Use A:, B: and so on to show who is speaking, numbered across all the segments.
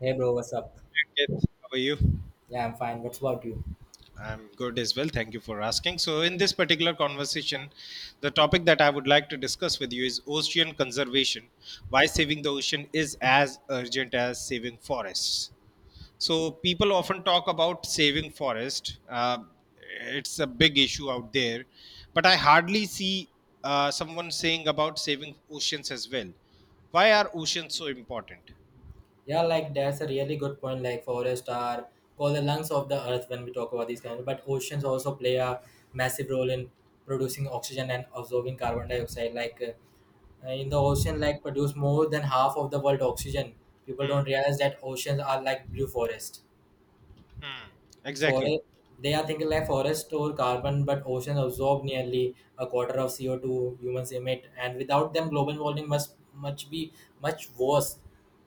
A: Hey bro, what's up?
B: Ankit, how are you?
A: Yeah, I'm fine. What's about you?
B: I'm good as well. Thank you for asking. So, in this particular conversation, the topic that I would like to discuss with you is ocean conservation. Why saving the ocean is as urgent as saving forests. So, people often talk about saving forest. It's a big issue out there, but I hardly see someone saying about saving oceans as well. Why are oceans so important?
A: Yeah, like that's a really good point. Like forests are called the lungs of the earth when we talk about these kind of, but oceans also play a massive role in producing oxygen and absorbing carbon dioxide. In the ocean, like produce more than half of the world oxygen. People don't realize that oceans are like blue forest.
B: Exactly.
A: Forest, they are thinking like forests store carbon, but oceans absorb nearly a quarter of CO2 humans emit, and without them, global warming must much be much worse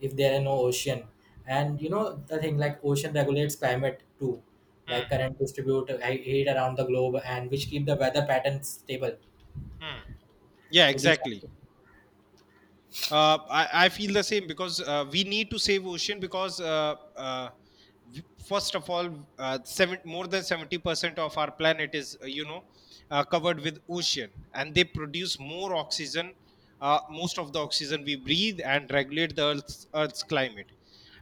A: if there are no ocean. And you know the thing like ocean regulates climate too, like current distribute heat around the globe, and which keep the weather patterns stable.
B: Yeah,
A: So these are.
B: exactly. I feel the same because we need to save ocean because first of all, more than 70% of our planet is covered with ocean, and they produce more oxygen, most of the oxygen we breathe, and regulate the Earth's climate.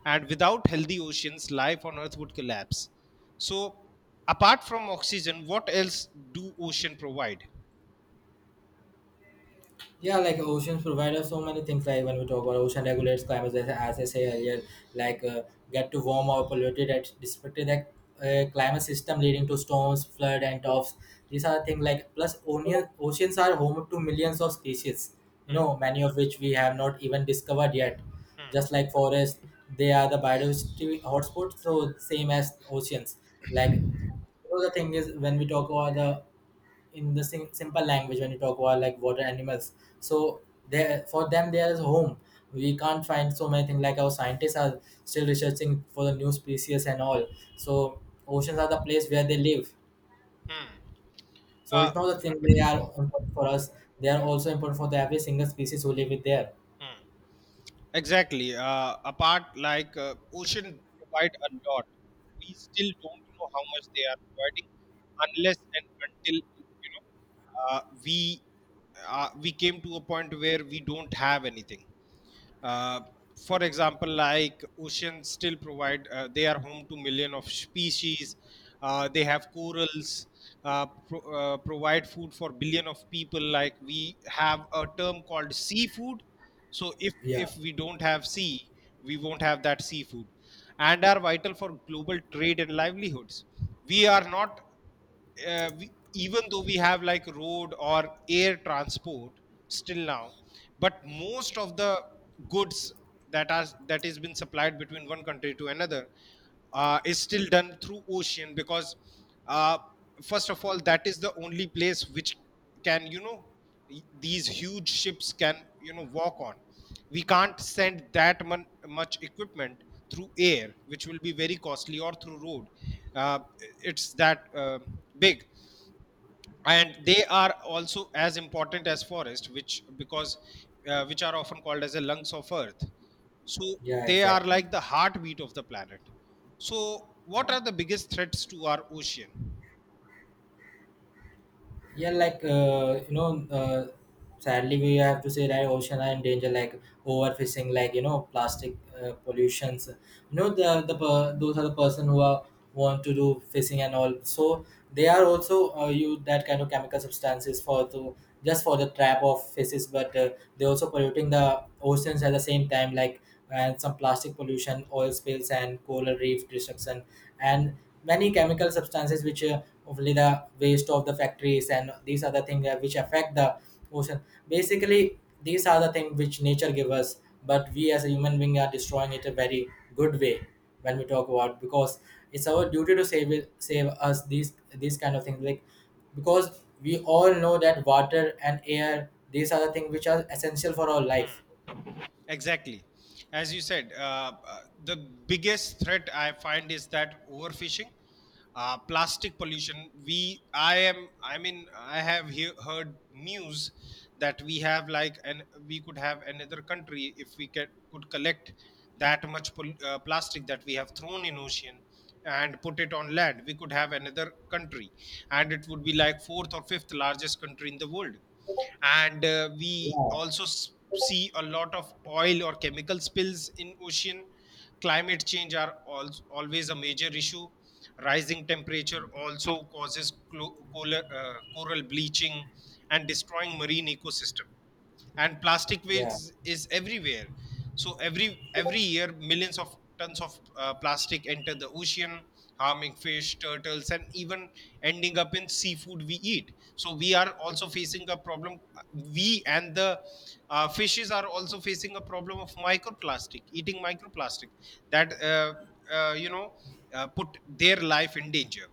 B: And without healthy oceans, life on Earth would collapse. So, apart from oxygen, what else do ocean provide?
A: Yeah, like oceans provide us so many things. Like when we talk about ocean regulates climate, as I say earlier, like get to warm or polluted at disrupted that climate system leading to storms, flood, and tops. These are things like plus onion, oceans are home to millions of species. You know, many of which we have not even discovered yet. Just like forests, they are the biodiversity hotspots. So same as oceans, like you know, the thing is when we talk about the in the simple language when you talk about like water animals, so there for them there is home. We can't find so many things like our scientists are still researching for the new species and all. So oceans are the place where they live,
B: Hmm.
A: so
B: Uh,
A: it's not the thing they are important for us, they are also important for the every single species who live it there.
B: Hmm. Exactly. Apart, like ocean provide a lot. We still don't know how much they are providing, unless and until we we came to a point where we don't have anything. Uh, for example, like oceans still provide, they are home to million of species. They have corals, provide food for billion of people. Like we have a term called seafood. So if
A: Yeah,
B: if we don't have sea, we won't have that seafood, and are vital for global trade and livelihoods. We are not, uh, we, even though we have like road or air transport still now, but most of the goods that is been supplied between one country to another is still done through ocean. Because uh, first of all, that is the only place which can, these huge ships can walk on. We can't send that much equipment through air, which will be very costly, or through road. Uh, it's that big. And they are also as important as forest, which are often called as the lungs of earth. So
A: yeah,
B: they are
A: exactly.
B: like the heartbeat of the planet. So,
A: Yeah.
B: what are the biggest threats to our ocean?
A: Yeah like you know sadly we have to say that ocean are in danger, like overfishing, like you know plastic pollutions. You know, the those are the person who are want to do fishing and all, so they are also use that kind of chemical substances for to just for the trap of fishes, but they also polluting the oceans at the same time, like, and some plastic pollution, oil spills, and coral reef destruction, and many chemical substances which only the waste of the factories, and these are the things which affect the ocean. Basically these are the things which nature give us, but we as a human being are destroying it a very good way. When we talk about, because it's our duty to save it, save us these kind of things, like because we all know that water and air, these are the things which are essential for our life.
B: Exactly. As you said, the biggest threat I find is that overfishing, plastic pollution. I mean, I have heard news that we have like, and we could have another country if we could collect that much plastic that we have thrown in ocean and put it on land. We could have another country, and it would be like fourth or fifth largest country in the world. And we
A: Yeah,
B: also see a lot of oil or chemical spills in ocean. Climate change are always a major issue. Rising temperature also causes coral bleaching and destroying marine ecosystem. And plastic
A: yeah,
B: waste is everywhere. So every year millions of tons of plastic enter the ocean, harming fish turtles and even ending up in seafood we eat. So we are also facing a problem. We and the fishes are also facing a problem of microplastic eating microplastic that uh, you know put their life in danger.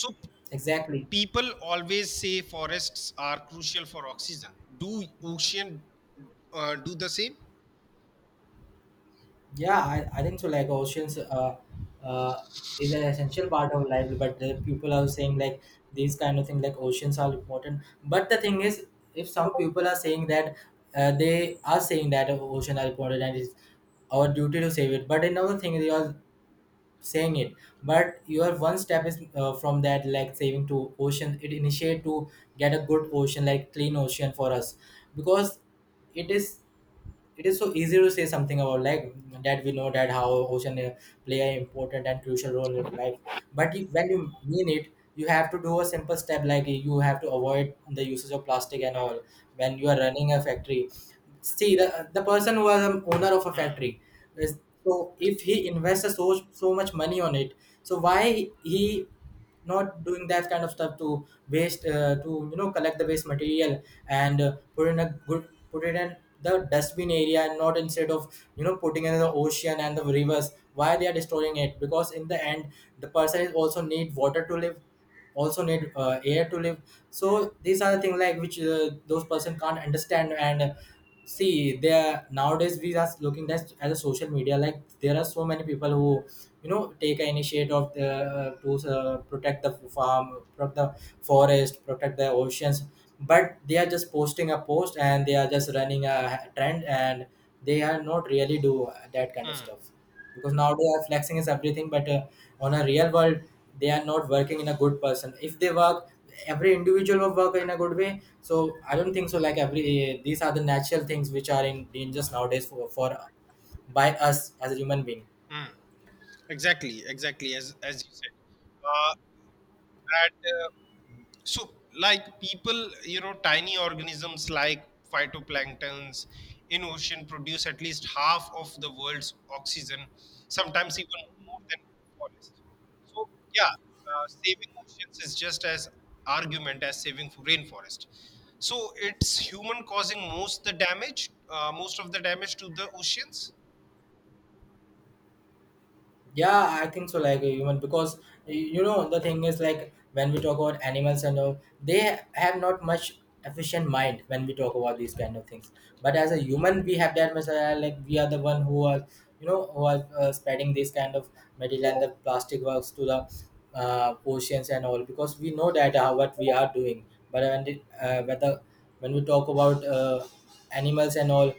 B: So
A: exactly.
B: people always say forests are crucial for oxygen. Do ocean do the same?
A: Yeah, I think so. Like oceans uh, is an essential part of life, but the people are saying like these kind of thing. Like oceans are important. But the thing is, if some people are saying that they are saying that ocean are important and it's our duty to save it, but another thing they are saying it. But your one step is from that, like saving to ocean. It initiate to get a good ocean, like clean ocean for us, because it is, it is so easy to say something about like that we know that how ocean play an important and crucial role in life. But when you mean it, you have to do a simple step, like you have to avoid the usage of plastic and all. When you are running a factory, see, the person who was an owner of a factory is, so if he invests so so much money on it, so why he not doing that kind of stuff to waste to, you know, collect the waste material and put in a good, put it in the dustbin area, and not instead of, you know, putting it in the ocean and the rivers. Why they are destroying it? Because in the end the person is also need water to live, also need air to live. So these are the things like which those person can't understand. And see there, nowadays we are looking at as a social media, like there are so many people who, you know, take an initiative of the, to protect the farm, protect the forest, protect the oceans, but they are just posting a post and they are just running a trend, and they are not really do that kind of
B: Mm,
A: stuff. Because nowadays flexing is everything, but on a real world they are not working in a good person. If they work, every individual will work in a good way. So I don't think so, like every, these are the natural things which are in dangers nowadays for by us as a human being.
B: mm. Exactly, as you said, uh, that so, like people, tiny organisms like phytoplanktons in ocean produce at least half of the world's oxygen, sometimes even more than forest. So, yeah, saving oceans is just as argument as saving rainforest. So, it's human causing most of the damage to the oceans.
A: Yeah, I think so. Like a human, because you know the thing is like when we talk about animals and all, they have not much efficient mind when we talk about these kind of things. But as a human, we have that much. Like we are the one who are, you know, who are spreading this kind of material and the plastic works to the oceans and all, because we know that what we are doing. But when it, whether when we talk about animals and all,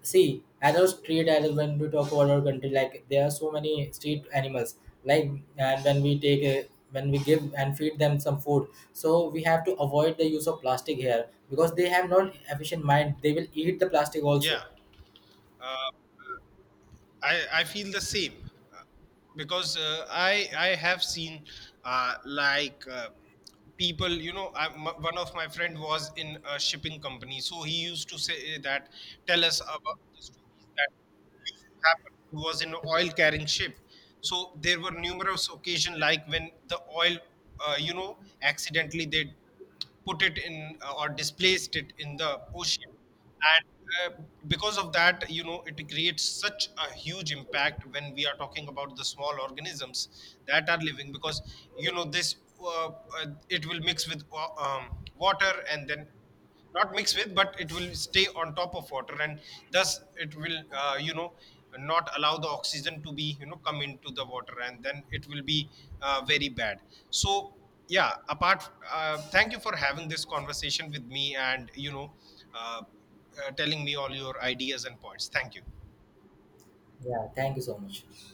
A: see, as other street animals when we talk about our country, like there are so many street animals. Like, and when we take a, when we give and feed them some food, so we have to avoid the use of plastic here because they have not efficient mind. They will eat the plastic
B: Yeah,
A: also.
B: uh, I feel the same. Because I have seen like people one of my friend was in a shipping company, so he used to say that tell us about the stories that used to happen. He was in an oil carrying ship, so there were numerous occasions like when the oil accidentally they put it in, or displaced it in the ocean. And because of that, it creates such a huge impact when we are talking about the small organisms that are living. Because you know this uh, it will mix with water. And then not mix with, but it will stay on top of water. And thus it will not allow the oxygen to be you know come into the water. And then it will be very bad. So, yeah, apart thank you for having this conversation with me, and uh, telling me all your ideas and points. Thank you.
A: Yeah. Thank you so much.